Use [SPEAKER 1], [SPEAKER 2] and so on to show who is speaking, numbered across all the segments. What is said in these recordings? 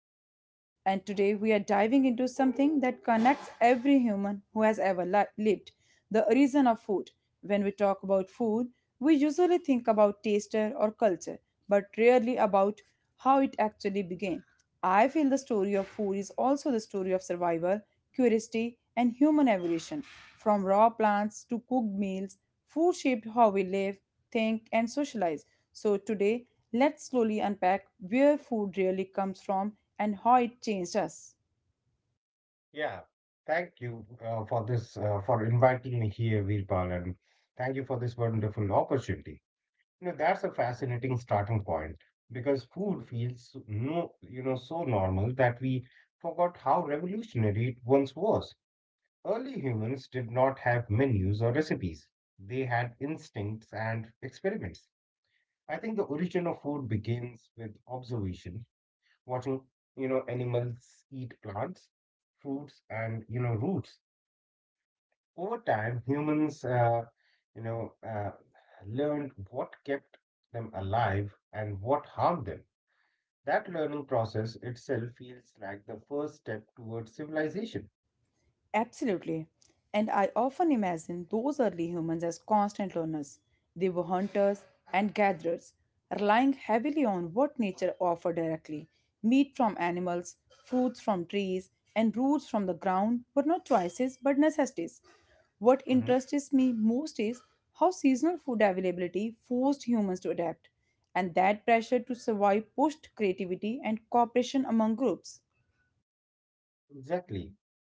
[SPEAKER 1] Veerpal, and today we are diving into something that connects every human who has ever lived the origin of food. When we talk about food, we usually think about taster or culture, but rarely about how it actually began. I feel the story of food is also the story of survival, curiosity, and human evolution. From raw plants to cooked meals, food shaped how we live, think, and socialize. So today, let's slowly unpack where food really comes from and how it changed us.
[SPEAKER 2] Yeah, thank you for this for inviting me here, Virpal, and thank you for this wonderful opportunity. You know, that's a fascinating starting point because food feels no, you know, so normal that we forgot how revolutionary it once was. Early humans did not have menus or recipes; they had instincts and experiments. I think the origin of food begins with observation, watching, you know, animals eat plants fruits and you know roots over time, humans, you know, uh, learned what kept them alive and what harmed them. That learning process itself feels like the first step towards civilization.
[SPEAKER 1] Absolutely. And I often imagine those early humans as constant learners. They were hunters and gatherers, relying heavily on what nature offered directly. Meat from animals, fruits from trees, and roots from the ground were not choices but necessities. What
[SPEAKER 2] Mhm.
[SPEAKER 1] interests me most is how seasonal food availability forced humans to adapt, and that pressure to survive pushed creativity and cooperation among groups.
[SPEAKER 2] Exactly.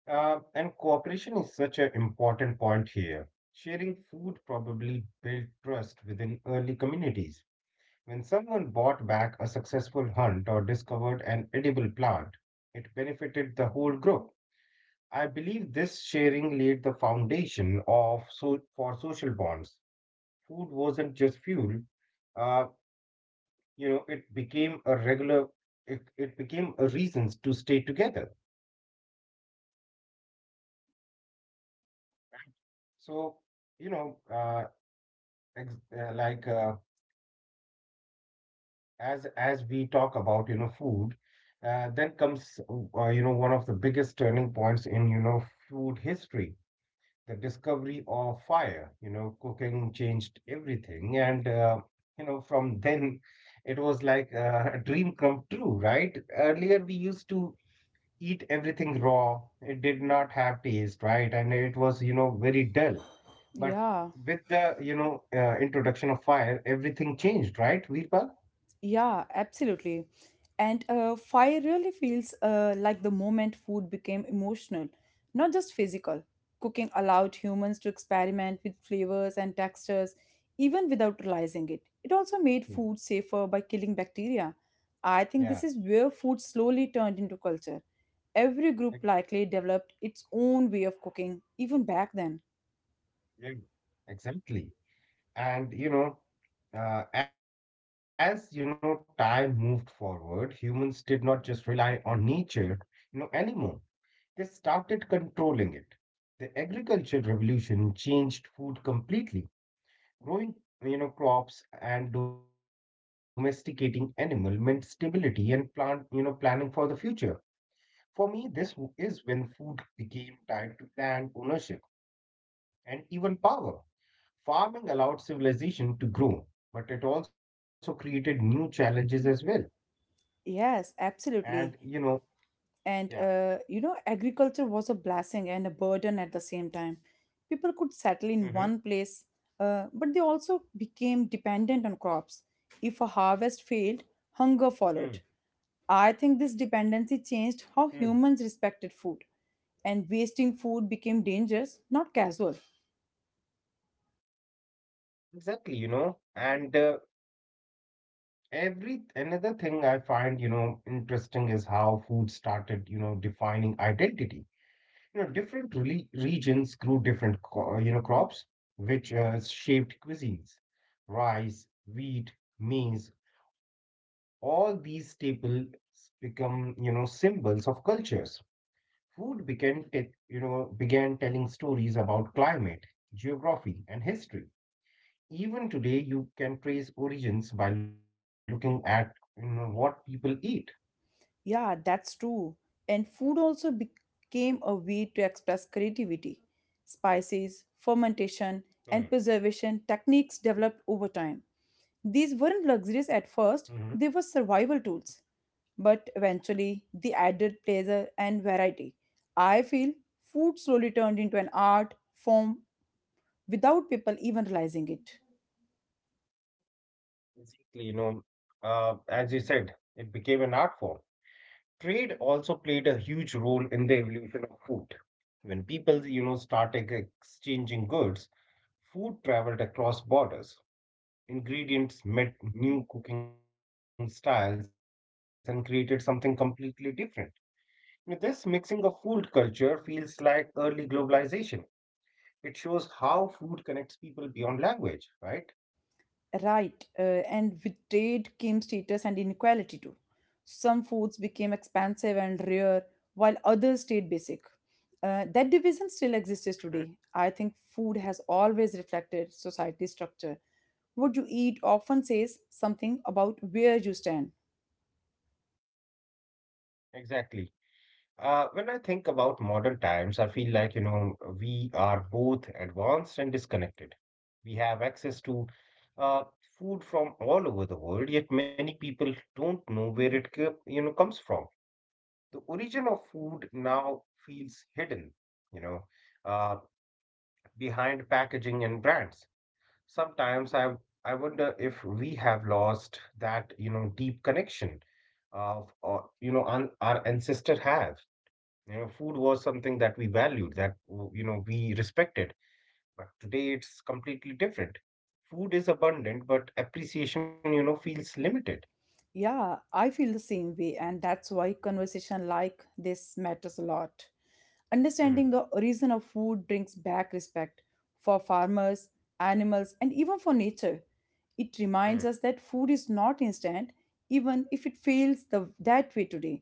[SPEAKER 2] And cooperation is such an important point here. Sharing food probably built trust within early communities. When someone bought back a successful hunt or discovered an edible plant, it benefited the whole group. I believe this sharing laid the foundation of so for social bonds. Food wasn't just fuel. Uh, it became a regular. It became a reasons to stay together. So, you know, uh, Ex- uh, like uh, as we talk about you know food then comes you know one of the biggest turning points in you know food history, the discovery of fire, you know cooking changed everything and you know from then it was like a dream come true, right? Earlier we used to eat everything raw, it did not have taste right and it was you know very dull. But
[SPEAKER 1] Yeah.
[SPEAKER 2] with the, introduction of fire, everything changed, right, Veerpal?
[SPEAKER 1] Yeah, absolutely. And fire really feels like the moment food became emotional, not just physical. Cooking allowed humans to experiment with flavors and textures, even without realizing it. It also made
[SPEAKER 2] Hmm.
[SPEAKER 1] food safer by killing bacteria. I think
[SPEAKER 2] Yeah,
[SPEAKER 1] this is where food slowly turned into culture. Every group
[SPEAKER 2] ex-
[SPEAKER 1] likely developed its own way of cooking, even back then.
[SPEAKER 2] yeah, exactly. And you know, as you know, time moved forward, humans did not just rely on nature, you know, anymore. They started controlling it. The agricultural revolution changed food completely. Growing, you know, crops and domesticating animal meant stability and plant, you know, planning for the future. For me, is when food became tied to land ownership and even power. Farming allowed civilization to grow, but it also created new challenges as well.
[SPEAKER 1] Yes, absolutely.
[SPEAKER 2] And you know,
[SPEAKER 1] and
[SPEAKER 2] yeah,
[SPEAKER 1] uh, you know agriculture was a blessing and a burden at the same time. People could settle in one
[SPEAKER 2] mm-hmm.
[SPEAKER 1] place, but they also became dependent on crops. If a harvest failed,
[SPEAKER 2] hmm mm
[SPEAKER 1] hunger followed. I think this dependency changed
[SPEAKER 2] mm
[SPEAKER 1] how humans respected food, and wasting food became dangerous, not casual.
[SPEAKER 2] exactly, you know, and every another thing I find, you know, interesting is how food started, you know, defining identity. You know, different regions grew different, you know, crops, which shaped cuisines. Rice, wheat, maize, all these staples become, you know, symbols of cultures. Food began, you know, began telling stories about climate, geography, and history. Even today, you can trace origins by looking at, you know, what people eat.
[SPEAKER 1] Yeah, that's true. And food also became a way to express creativity. Spices, fermentation, and
[SPEAKER 2] Mm.
[SPEAKER 1] preservation techniques developed over time. These weren't luxuries at first, they were
[SPEAKER 2] Mhm.
[SPEAKER 1] survival tools. But eventually, they added pleasure and variety. I feel food slowly turned into an art form without people even realizing it.
[SPEAKER 2] Exactly, you know, as you said, it became an art form. Trade also played a huge role in the evolution of food. When people, you know, started exchanging goods, food traveled across borders. Ingredients met new cooking styles and created something completely different. This mixing of food culture feels like early globalization. It shows how food connects people beyond language, right?
[SPEAKER 1] Right, and with trade came status and inequality too. Some foods became expensive and rare, while others stayed basic. That division still exists
[SPEAKER 2] Hmm.
[SPEAKER 1] today. I think food has always reflected society structure. What you eat often says something about where you stand.
[SPEAKER 2] Exactly. When I think about modern times, I feel like, you know, we are both advanced and disconnected. We have access to uh, food from all over the world, yet many people don't know where it you know comes from. The origin of food now feels hidden, you know, uh, behind packaging and brands. Sometimes I wonder if we have lost that you know deep connection of or you know an, our. You know, food was something that we valued, that you know we respected, but today it's completely different. Food is abundant, but appreciation, you know, feels limited.
[SPEAKER 1] Yeah, I feel the same way, and that's why conversation like this matters a lot.
[SPEAKER 2] Hmm,
[SPEAKER 1] Understanding the origin of food brings back respect for farmers, animals, and even for nature. It reminds
[SPEAKER 2] hmm,
[SPEAKER 1] us that food is not instant, even if it feels that way today.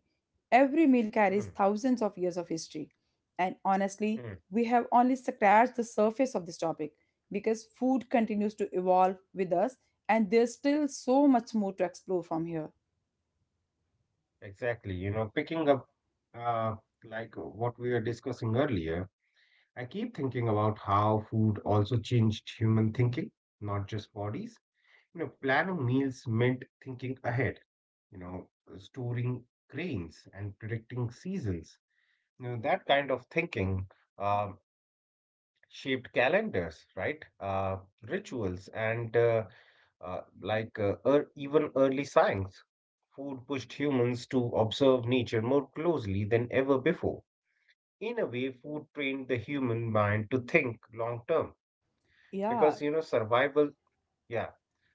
[SPEAKER 1] Every meal carries
[SPEAKER 2] hmm,
[SPEAKER 1] thousands of years of history. And honestly, we
[SPEAKER 2] hmm.
[SPEAKER 1] have only scratched the surface of this topic because food continues to evolve with us, and there's still so much more to explore from here.
[SPEAKER 2] Exactly. You know, picking up uh, like what we were discussing earlier, I keep thinking about how food also changed human thinking, not just bodies. You know, planning meals meant thinking ahead, you know, storing grains and predicting seasons. You know, that kind of thinking uh, shaped calendars, right? Rituals and like ear even early science. Food pushed humans to observe nature more closely than ever before. In a way, food trained the human mind to think long term
[SPEAKER 1] Yeah.
[SPEAKER 2] because you know survival, yeah.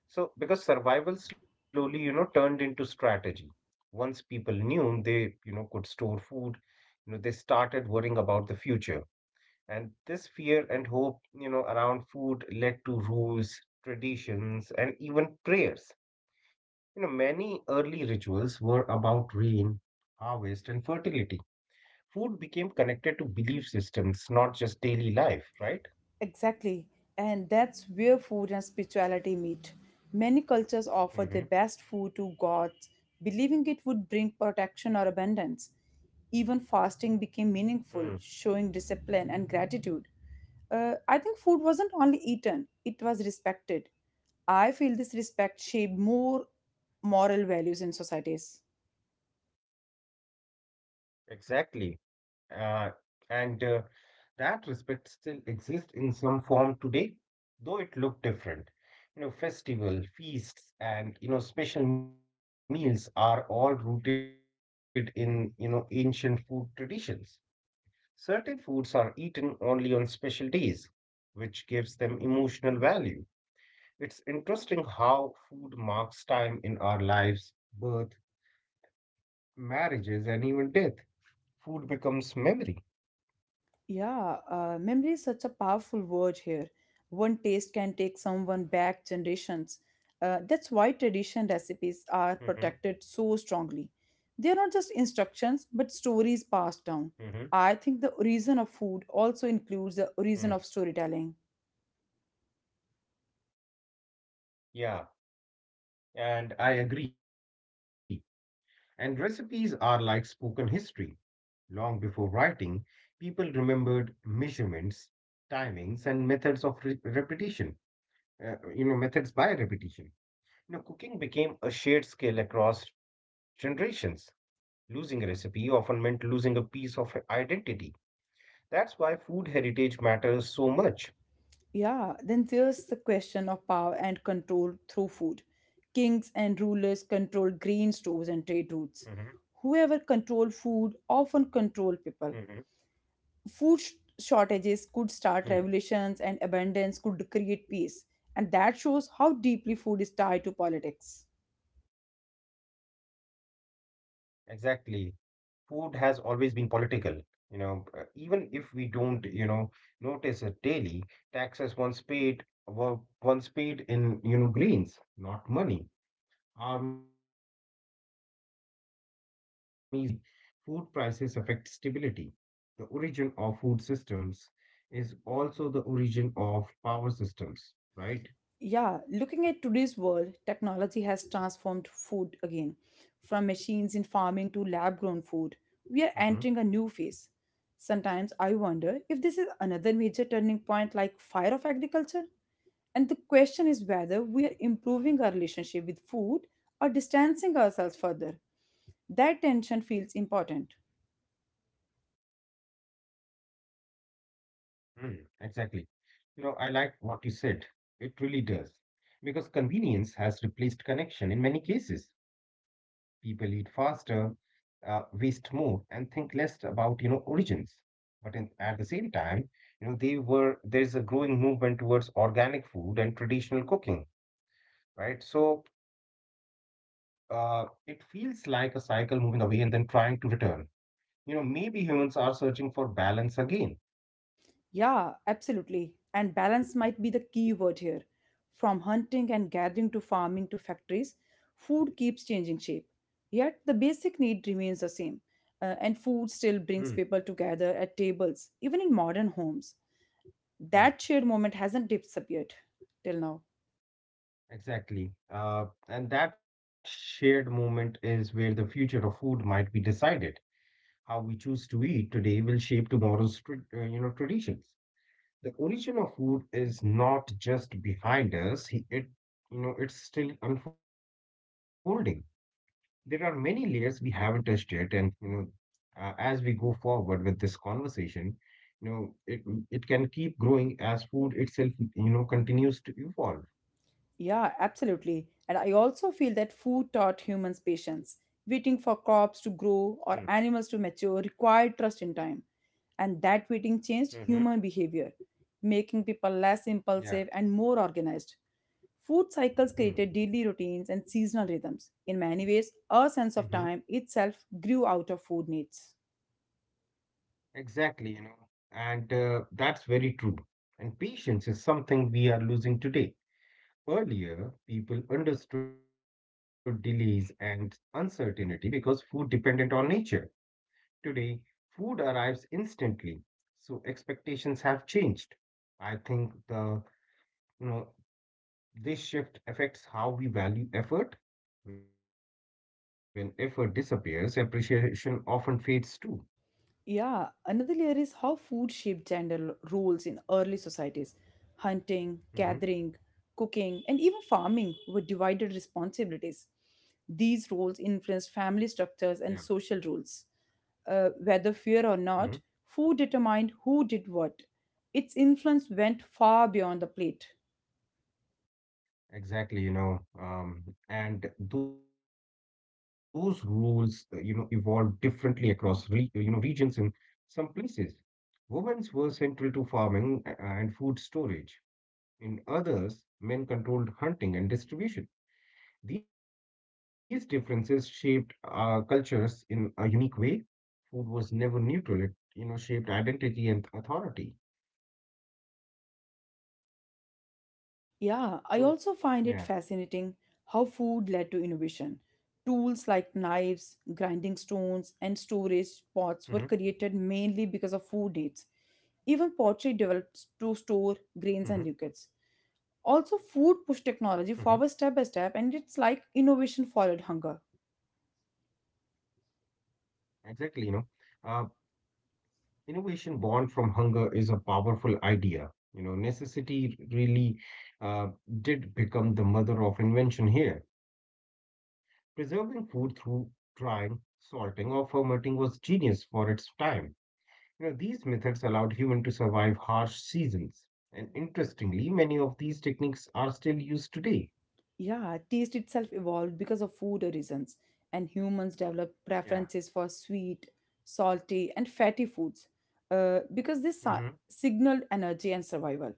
[SPEAKER 2] So because survival slowly you know turned into strategy. Once people knew they you know could store food, you know they started worrying about the future and this fear and hope, you know, around food led to rules, traditions, and even prayers. You know, many early rituals were about rain, harvest, and fertility. Food became connected to belief systems, not just daily life, right?
[SPEAKER 1] Exactly, and that's where food and spirituality meet. Many cultures offer their
[SPEAKER 2] Mm-hmm.
[SPEAKER 1] best food to gods, believing it would bring protection or abundance. Even fasting became meaningful, showing discipline and gratitude. I think food wasn't only eaten, it was respected. I feel this respect shaped more moral values in societies.
[SPEAKER 2] Exactly. Uh, and that respect still exists in some form today, though it looked different. You know, festival, feasts, and you know, special meals are all rooted in you know ancient food traditions. Certain foods are eaten only on special days, which gives them emotional value. It's interesting how food marks time in our lives, birth, marriages, and even death. Food becomes memory.
[SPEAKER 1] Yeah, memory is such a powerful word here. One taste can take someone back generations. That's why tradition recipes are protected
[SPEAKER 2] hmm
[SPEAKER 1] so strongly. They are not just instructions, but stories
[SPEAKER 2] hmm
[SPEAKER 1] passed down. I think the origin of food also
[SPEAKER 2] hmm
[SPEAKER 1] includes the origin of storytelling.
[SPEAKER 2] Yeah. And I agree. And recipes are like spoken history. Long before writing, people remembered measurements, timings, and methods of repetition. You know, methods by repetition. You know, cooking became a shared skill across generations. Losing a recipe often meant losing a piece of identity. That's why food heritage matters so much.
[SPEAKER 1] Yeah, then there's the question of power and control through food. Kings and rulers controlled grain
[SPEAKER 2] hmm
[SPEAKER 1] stores and trade routes. Whoever controlled food often controlled people.
[SPEAKER 2] hmm
[SPEAKER 1] food sh- Shortages could start revolutions, and abundance could create peace. And that shows how deeply food is tied to politics.
[SPEAKER 2] Exactly. Food has always been political. You know, even if we don't, you know, notice it daily, taxes once paid were once paid in, you know, grains, not money. Armies marched on food supplies, not weapons alone. You know, even today, food prices affect stability. The origin of food systems is also the origin of power systems, right?
[SPEAKER 1] Yeah, looking at today's world, technology has transformed food again. From machines in farming to lab grown food, we are
[SPEAKER 2] Mm-hmm.
[SPEAKER 1] entering a new phase. Sometimes I wonder if this is another major turning point like fire of agriculture, and the question is whether we are improving our relationship with food or distancing ourselves further. That tension feels important.
[SPEAKER 2] Mm, exactly. You know, I like what you said. It really does. Because convenience has replaced connection in many cases. People eat faster, waste more, and think less about, you know, origins. At the same time, you know, they were there's a growing movement towards organic food and traditional cooking, right? So it feels like a cycle moving away and then trying to return. You know, maybe humans are searching for balance again.
[SPEAKER 1] Yeah, absolutely. And balance might be the key word here. From hunting and gathering to farming to factories, food keeps changing shape. Yet the basic need remains the same. And food still brings
[SPEAKER 2] Hmm.
[SPEAKER 1] people together at tables, even in modern homes. That
[SPEAKER 2] Yeah.
[SPEAKER 1] shared moment hasn't disappeared till now.
[SPEAKER 2] Exactly. And that shared moment is where the future of food might be decided. How we choose to eat today will shape tomorrow's you know traditions. The origin of food is not just behind us, it you know it's still unfolding. There are many layers we haven't touched yet, and you know as we go forward with this conversation, you know it can keep growing as food itself you know continues to evolve.
[SPEAKER 1] Yeah, absolutely. And I also feel that food taught humans patience. Waiting for crops to grow or animals to mature required trust in time. And that waiting
[SPEAKER 2] Mm-hmm.
[SPEAKER 1] changed human behavior, making people less
[SPEAKER 2] Yeah.
[SPEAKER 1] impulsive and more organized. Food
[SPEAKER 2] Hmm.
[SPEAKER 1] cycles created daily routines and seasonal rhythms. In many ways, our
[SPEAKER 2] Hmm.
[SPEAKER 1] sense of time itself grew out of food needs.
[SPEAKER 2] Exactly, you know, and that's very true. And patience is something we are losing today. Earlier, people understood delays and uncertainty because food dependent on nature. Today, food arrives instantly, so expectations have changed. I think the, you know, This shift affects how we value effort. When effort disappears, appreciation often fades too.
[SPEAKER 1] Yeah, another layer is how food shaped roles in early societies.
[SPEAKER 2] Hmm.
[SPEAKER 1] Hunting, gathering, cooking, and even farming were divided responsibilities. These roles
[SPEAKER 2] Yeah.
[SPEAKER 1] influenced family structures and social rules.
[SPEAKER 2] Hmm.
[SPEAKER 1] Whether fear or not, food determined who did what. Its influence went far beyond the plate.
[SPEAKER 2] Exactly, you know, and those rules, you know, evolved differently across really, you know, regions, some places. Women's were central to farming and food storage. In others, men controlled hunting and distribution. These differences shaped cultures in a unique way. Food was never neutral. You know, shaped identity and authority.
[SPEAKER 1] Yeah, I
[SPEAKER 2] So,
[SPEAKER 1] also find it
[SPEAKER 2] yeah.
[SPEAKER 1] fascinating how food led to innovation. Tools like
[SPEAKER 2] Mm-hmm,
[SPEAKER 1] knives, grinding stones, and storage pots were created mainly because of food needs. Even
[SPEAKER 2] mm-hmm,
[SPEAKER 1] pottery developed to store grains and liquids. Also,
[SPEAKER 2] mm-hmm.
[SPEAKER 1] food pushed technology forward step by step, and it's like innovation followed hunger.
[SPEAKER 2] Exactly, you know. Uh, Innovation born from hunger is a powerful idea. You know, necessity really uh, did become the mother of invention here. Preserving food through drying, salting, or fermenting was genius for its time. You know, these methods allowed humans to survive harsh seasons. And interestingly, many of these techniques are still used today.
[SPEAKER 1] Yeah, taste itself evolved because of food reasons, and humans
[SPEAKER 2] Yeah.
[SPEAKER 1] developed preferences for sweet, salty, and fatty foods because
[SPEAKER 2] Mm-hmm.
[SPEAKER 1] signaled energy and survival.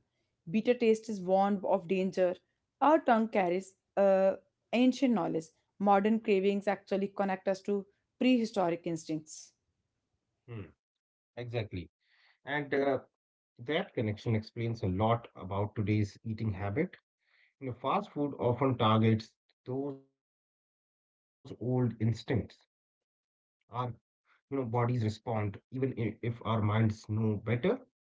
[SPEAKER 1] Bitter taste is warned of danger. Our tongue carries ancient knowledge. Modern cravings actually connect us to prehistoric instincts.
[SPEAKER 2] Mm. Exactly. And that connection explains a lot about today's eating habit. You know, fast food often targets those old instincts. Our, you know, bodies respond even if our minds know better.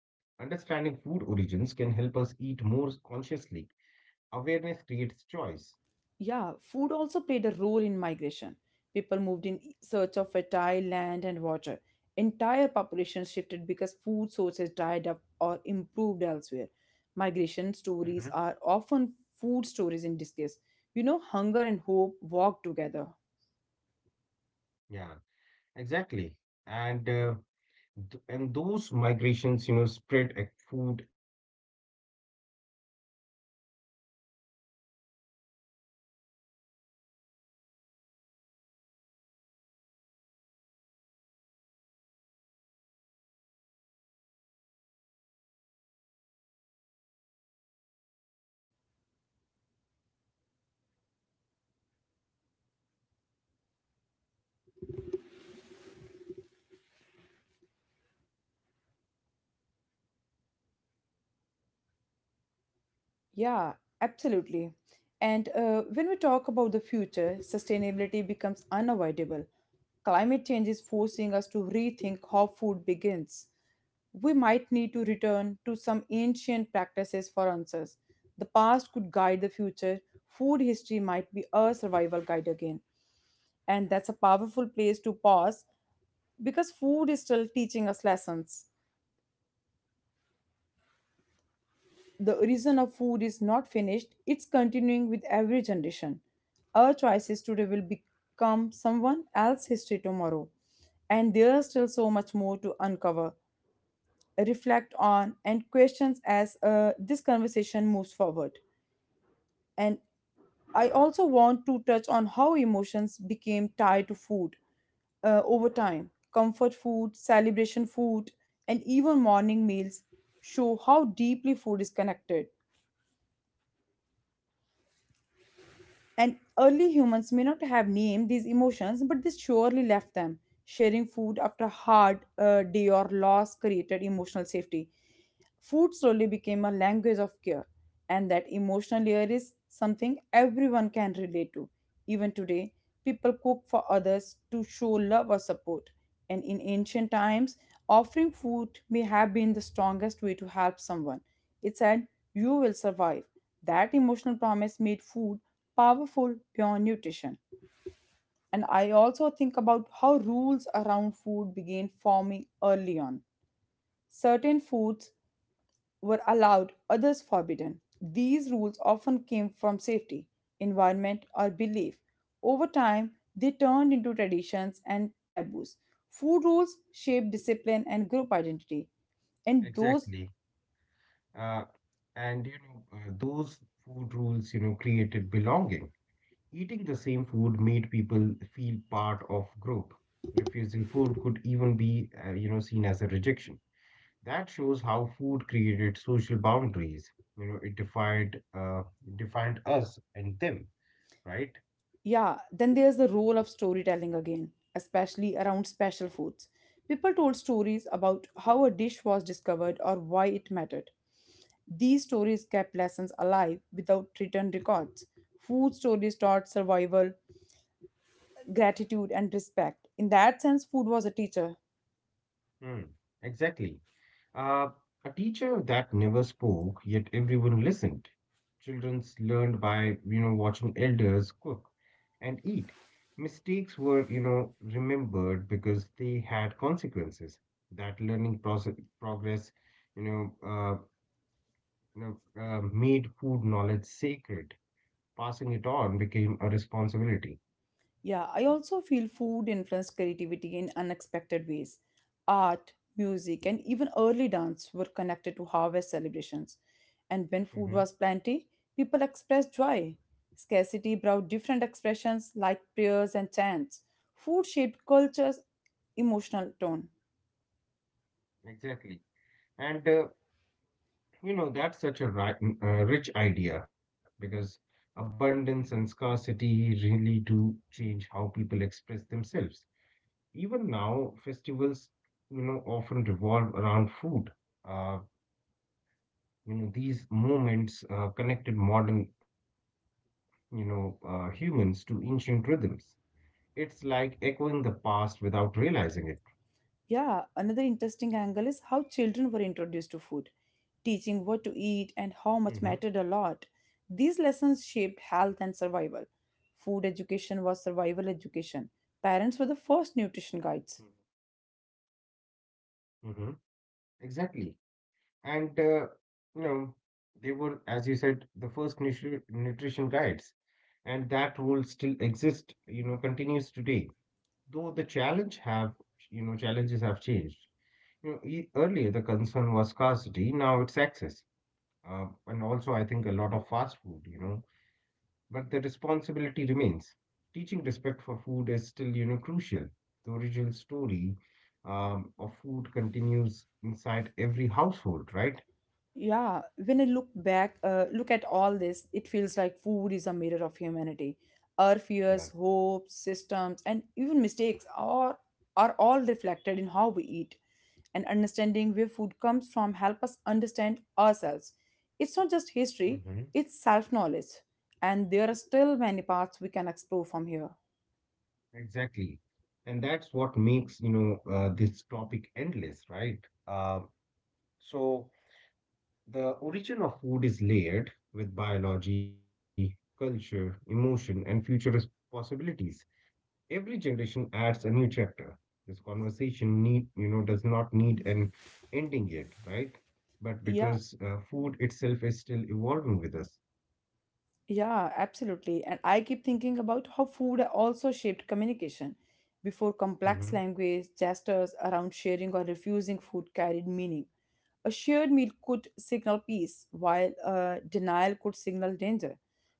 [SPEAKER 2] Understanding food origins can help us eat more consciously. Awareness creates choice.
[SPEAKER 1] Yeah, food also played a role in migration. People moved in search of fertile land and water. Entire populations shifted because food sources dried up or improved elsewhere. Migration
[SPEAKER 2] Hmm.
[SPEAKER 1] stories are often food stories in disguise. You know, hunger and hope walk together.
[SPEAKER 2] Yeah, exactly. And uh, And those migrations, you know, spread food ideas across the world. New lands met, you know, uh, old recipes and created something new. That's how cuisines evolve naturally. You know, fusion food isn't modern, it's ancient. Humans have always adapted their food, you know, wherever they went. So,
[SPEAKER 1] Yeah, absolutely. And when we talk about the future, sustainability becomes unavoidable. Climate change is forcing us to rethink how food begins. We might need to return to some ancient practices for answers. The past could guide the future, food history might be a survival guide again. And that's a powerful place to pause because food is still teaching us lessons. The origin of food is not finished,
[SPEAKER 2] यार
[SPEAKER 1] it's
[SPEAKER 2] कौन
[SPEAKER 1] continuing with
[SPEAKER 2] call कर
[SPEAKER 1] every
[SPEAKER 2] देता है यार
[SPEAKER 1] generation.
[SPEAKER 2] बेवकूफ।
[SPEAKER 1] Our choices today will become someone else's history tomorrow. And there's still so much more to uncover, reflect on, and questions as this conversation moves forward.
[SPEAKER 2] कितनी हो गई? बिल्कुल
[SPEAKER 1] And
[SPEAKER 2] नौटंकी चढ़ गई है। क्या
[SPEAKER 1] I also want to touch on how emotions became tied to
[SPEAKER 2] बकवास है यार।
[SPEAKER 1] food over time. Comfort food, celebration food, and even morning meals show how deeply food is connected. And early humans may not have named these emotions, but they surely left them. Sharing food after a hard day or loss created emotional safety. Food slowly became a language of care, and that emotional layer is something everyone can relate to. Even today, people cook for others to show love or support. And in ancient times, offering food may have been the strongest way to help someone. It said, "You will survive." That emotional promise made food powerful beyond nutrition. And I also think about how rules around food began forming early on. Certain foods were allowed, others forbidden. These rules often came from safety, environment, or belief. Over time, they turned into traditions and taboos. Food rules shaped discipline and group identity, and those—
[SPEAKER 2] Exactly. Uh, and you know, those food rules, you know, created belonging. Eating the same food made people feel part of group. Refusing food could even be, you know, seen as a rejection. That shows how food created social boundaries. You know, it defined us and them, right?
[SPEAKER 1] Yeah, then there's the role of storytelling again, especially around special foods. People told stories about how a dish was discovered or why it mattered. These stories kept lessons alive without written records. Food stories taught survival, gratitude, and respect. In that sense, food was a teacher.
[SPEAKER 2] Hmm, exactly. Uh, a teacher that never spoke, yet everyone listened. Childrens learned by, you know, watching elders cook and eat. Mistakes were, you know, remembered because they had consequences. That learning progress, you know, uh, made food knowledge sacred. Passing it on became a responsibility.
[SPEAKER 1] Yeah, I also feel food influenced creativity in unexpected ways. Art, music, and even early dance were connected to harvest celebrations. And when food
[SPEAKER 2] Mm-hmm.
[SPEAKER 1] was plenty, people expressed joy. Scarcity brought different expressions like prayers and chants. Food shaped culture's emotional tone.
[SPEAKER 2] Exactly. And uh, that's such a rich idea because abundance and scarcity really do change how people express themselves. Even now, festivals, often revolve around food. Uh, these moments connected modern, humans to ancient rhythms. It's like echoing the past without realizing it.
[SPEAKER 1] Yeah, another interesting angle is how children were introduced to food, teaching what to eat and how
[SPEAKER 2] hmm
[SPEAKER 1] much mattered a lot. These lessons shaped health and survival. Food education was survival education. Parents were the first nutrition guides.
[SPEAKER 2] hmm Exactly. and you know They were, as you said, the first nutrition guides, and that role still exists, continues today, though the challenges have changed. E- earlier the concern was scarcity, now it's access. And also, I think, a lot of fast food, responsibility remains. Teaching respect for food is still, crucial. The original story, of food continues inside every household, right?
[SPEAKER 1] Yeah, when I look back, look at all this, it feels like food is a mirror of humanity. Our
[SPEAKER 2] Yeah.
[SPEAKER 1] fears, hopes, systems, and even mistakes are all reflected in how we eat. And understanding where food comes from help us understand ourselves. It's not just history;
[SPEAKER 2] hmm
[SPEAKER 1] it's self knowledge, and there are still many paths we can explore from here.
[SPEAKER 2] exactly. And that's what makes, this topic endless, right? Uh, so the origin of food is layered with biology, culture, emotion, and possibilities. Every generation adds a new chapter. This conversation need, you know, does not need an ending yet, right? But
[SPEAKER 1] Yeah.
[SPEAKER 2] because food itself is still evolving with us.
[SPEAKER 1] Yeah, absolutely. And I keep thinking about how food also shaped communication. Before complex
[SPEAKER 2] hmm
[SPEAKER 1] language, gestures around sharing or refusing food carried meaning. A shared meal could signal peace, while denial could signal danger.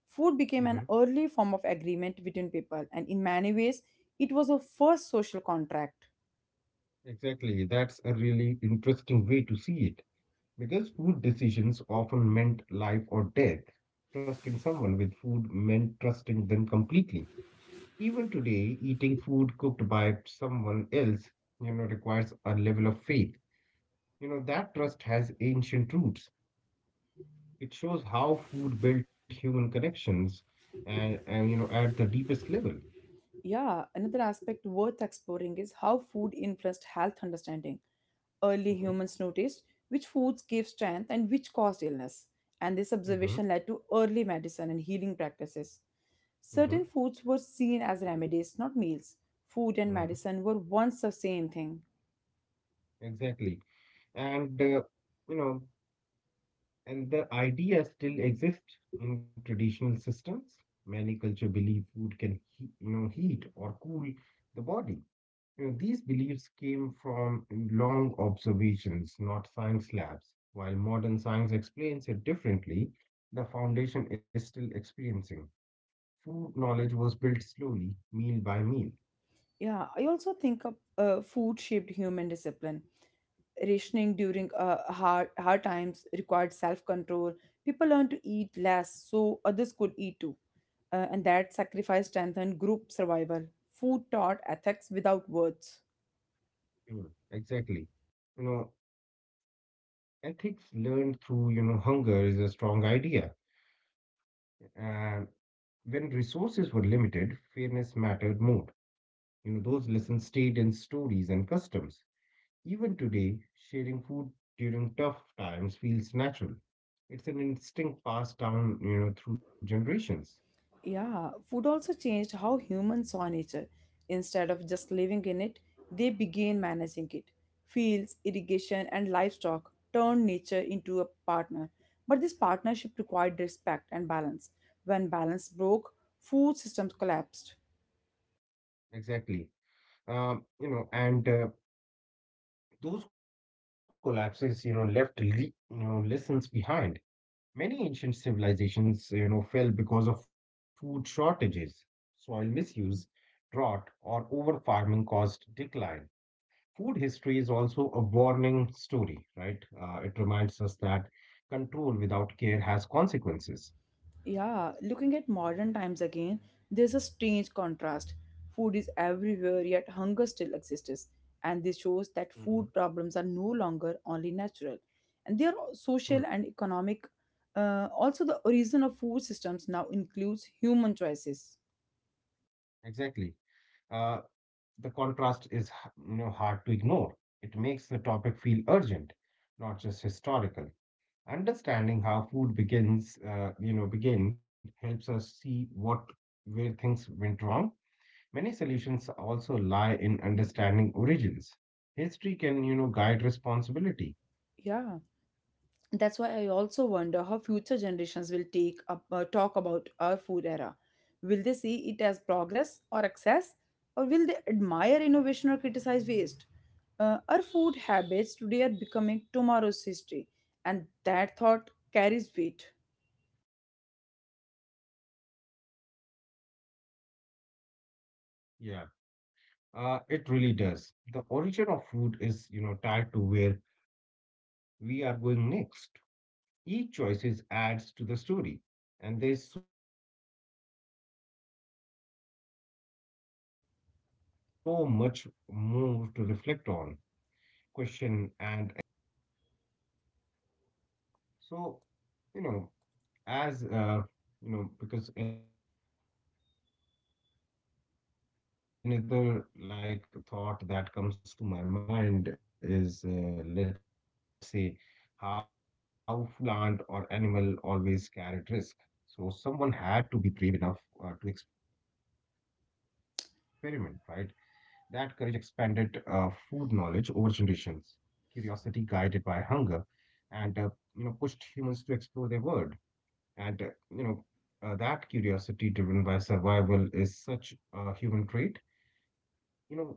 [SPEAKER 1] Food became
[SPEAKER 2] hmm
[SPEAKER 1] an early form of agreement between people, and in many ways, it was a first social contract.
[SPEAKER 2] Exactly. That's a really interesting way to see it. Because food decisions often meant life or death. Trusting someone with food meant trusting them completely. Even today, eating food cooked by someone else, requires a level of faith. You know, that trust has ancient roots. It shows how food built human connections at the deepest level.
[SPEAKER 1] Yeah, another aspect worth exploring is how food influenced health understanding. Early
[SPEAKER 2] hmm
[SPEAKER 1] humans noticed which foods gave strength and which caused illness, and this
[SPEAKER 2] hmm
[SPEAKER 1] observation led to early medicine and healing practices.
[SPEAKER 2] hmm
[SPEAKER 1] Certain foods were seen as remedies, not meals. Food and
[SPEAKER 2] hmm
[SPEAKER 1] medicine were once the same thing.
[SPEAKER 2] Exactly. And, uh, you know, And the idea still exists in traditional systems. Many culture believe food can heat or cool the body. You know, these beliefs came from long observations, not science labs. While modern science explains it differently, the foundation is still experiencing. Food knowledge was built slowly, meal by meal.
[SPEAKER 1] Yeah, I also think of food shaped human discipline. Rationing during hard times required self control. People learned to eat less so others could eat too. And that sacrifice strengthened group survival. Food taught ethics without words.
[SPEAKER 2] Mm. Exactly. You know, ethics learned through, hunger is a strong idea. Uh, When resources were limited, fairness mattered more. You know, those lessons stayed in stories and customs. Even today, sharing food during tough times feels natural. It's an instinct passed down, through generations.
[SPEAKER 1] Yeah, food also changed how humans saw nature. Instead of just living in it, they began managing it. Fields, irrigation, and livestock turned nature into a partner. But this partnership required respect and balance. When balance broke, food systems collapsed.
[SPEAKER 2] Exactly. You know, and Those collapses, left lessons behind. Many ancient civilizations, fell because of food shortages, soil misuse, drought, or over farming caused decline. Food history is also a warning story, right? It reminds us that control without care has consequences.
[SPEAKER 1] Yeah, looking at modern times again, there's a strange contrast. Food is everywhere, yet hunger still exists. And this
[SPEAKER 2] hmm
[SPEAKER 1] shows that food problems are no longer only natural. And they are
[SPEAKER 2] Hmm.
[SPEAKER 1] social and economic. Also, the origin of food systems now includes human choices.
[SPEAKER 2] Exactly. Uh, the contrast is, hard to ignore. It makes the topic feel urgent, not just historical. Understanding how food begins, you know, begin helps us see what where things went wrong. Many solutions also lie in understanding origins. History can, guide responsibility.
[SPEAKER 1] Yeah. That's why I also wonder how future generations will take up talk about our food era. Will they see it as progress or excess? Or will they admire innovation or criticize waste? Our food habits today are becoming tomorrow's history, and that thought carries weight.
[SPEAKER 2] It really does. And that's why this conversation, keeps opening new doors. The origin of food is, tied to where we are going next. Each choices adds to the story. And there's so much more to reflect on, question and explore as the journey with, food continues. So, you know, as you know because another like thought that comes to my mind is, let's say, how food shaped human curiosity. Trying a new plant or animal always carried risk, so someone had to be brave enough, to experiment, right? That courage expanded food knowledge over generations. Curiosity guided by hunger and you know pushed humans to explore their world. and, uh, you know, that curiosity driven by survival is such a human trait.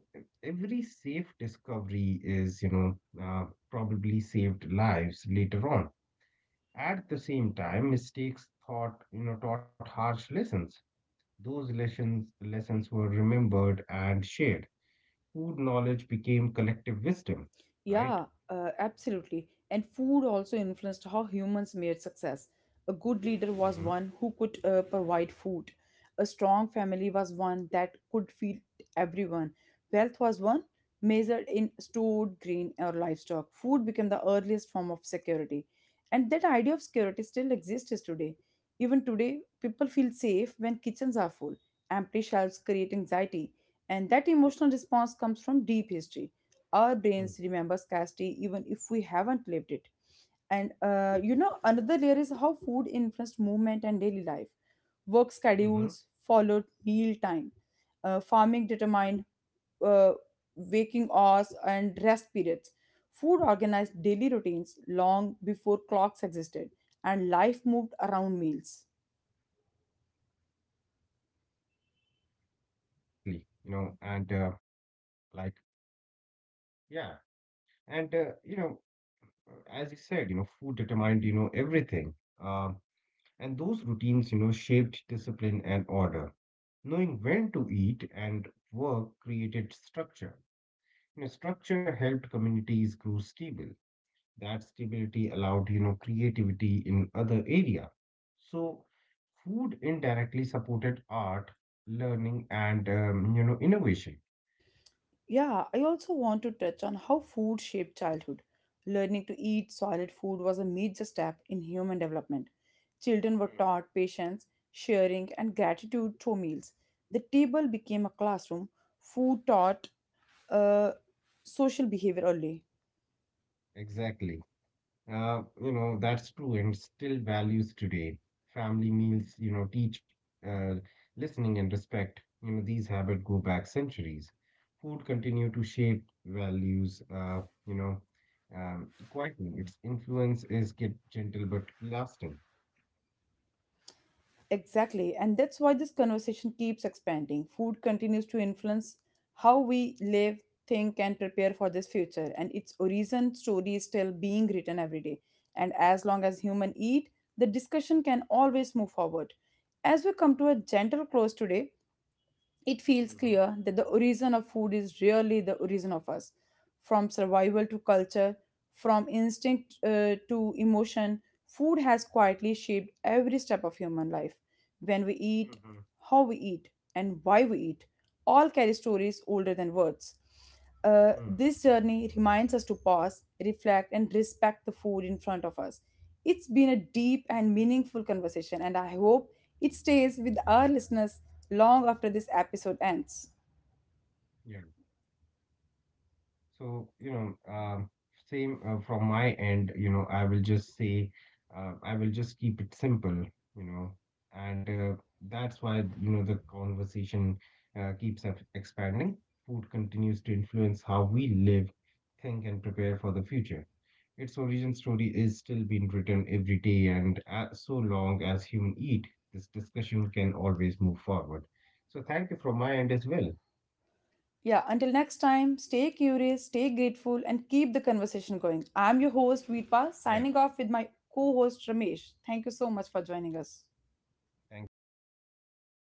[SPEAKER 2] You know, e- discovery is, probably saved lives later on. At the same time, mistakes taught, taught harsh lessons. Those lessons were remembered and shared. Food knowledge became collective wisdom, right?
[SPEAKER 1] Yeah, absolutely. And food also influenced how humans made success. A good leader was
[SPEAKER 2] Mm-hmm.
[SPEAKER 1] one who could provide food. A strong family was one that could feed everyone. Wealth was one measured in stored grain or livestock. Food became the earliest form of security. And that idea of security still exists today. Even today, people feel safe when kitchens are full. Empty shelves create anxiety. And that emotional response comes from deep history. Our brains remember scarcity even if we haven't lived it. And another layer is how food influenced movement and daily life. Work
[SPEAKER 2] Mm-hmm.
[SPEAKER 1] schedules followed meal time. Farming determined uh, waking hours and rest periods. Food organized daily routines long before clocks existed, and life moved
[SPEAKER 2] Yeah,
[SPEAKER 1] around meals.
[SPEAKER 2] exactly. You know, and like, yeah. And, you know, As you said, food determined, everything. Um, and those routines, shaped discipline and order. Knowing when to eat and work created structure. You know, structure helped communities grow stable. That stability allowed, creativity in other area. So food indirectly supported art, learning, and, innovation.
[SPEAKER 1] Yeah, I also want to touch on how food shaped childhood. Learning to eat solid food was a major step in human development. Children were
[SPEAKER 2] Hmm.
[SPEAKER 1] taught patience, sharing, and gratitude through meals. The table became a classroom. Food taught uh, social behavior early.
[SPEAKER 2] Exactly. You know, that's true and still values today. Family meals, teach uh, listening and respect. You know, these habits go back centuries. Food continue to shape values, you know, quietly. Its influence is get gentle but lasting.
[SPEAKER 1] Exactly. And that's why this conversation keeps expanding. Food continues to influence how we live, think, and prepare for this future. And its origin story is still being written every day. And as long as humans eat, the discussion can always move forward. As we come to a gentle close today, it feels
[SPEAKER 2] Mm-hmm.
[SPEAKER 1] clear that the origin of food is really the origin of us, from survival to culture, from instinct to emotion. Food has quietly shaped every step of human life. When we eat,
[SPEAKER 2] Mm-hmm.
[SPEAKER 1] how we eat, and why we eat all carry stories older than words. uh,
[SPEAKER 2] Mm.
[SPEAKER 1] this journey reminds us to pause, reflect, and respect the food in front of us. It's been a deep and meaningful conversation, and I hope it stays with our listeners long after this episode ends.
[SPEAKER 2] Yeah. So, same from my end, I will just say, I will just keep it simple, you know, and that's why, the conversation keeps expanding. Food continues to influence how we live, think, and prepare for the future. Its origin story is still being written every day, and so long as human eat, this discussion can always move forward. So, thank you from my end as well.
[SPEAKER 1] Yeah, until next time, stay curious, stay grateful, and keep the conversation going. I'm your host, Veerpa,
[SPEAKER 2] Yeah,
[SPEAKER 1] signing off with my co host, Ramesh. Thank you so much for joining us.
[SPEAKER 2] thank you.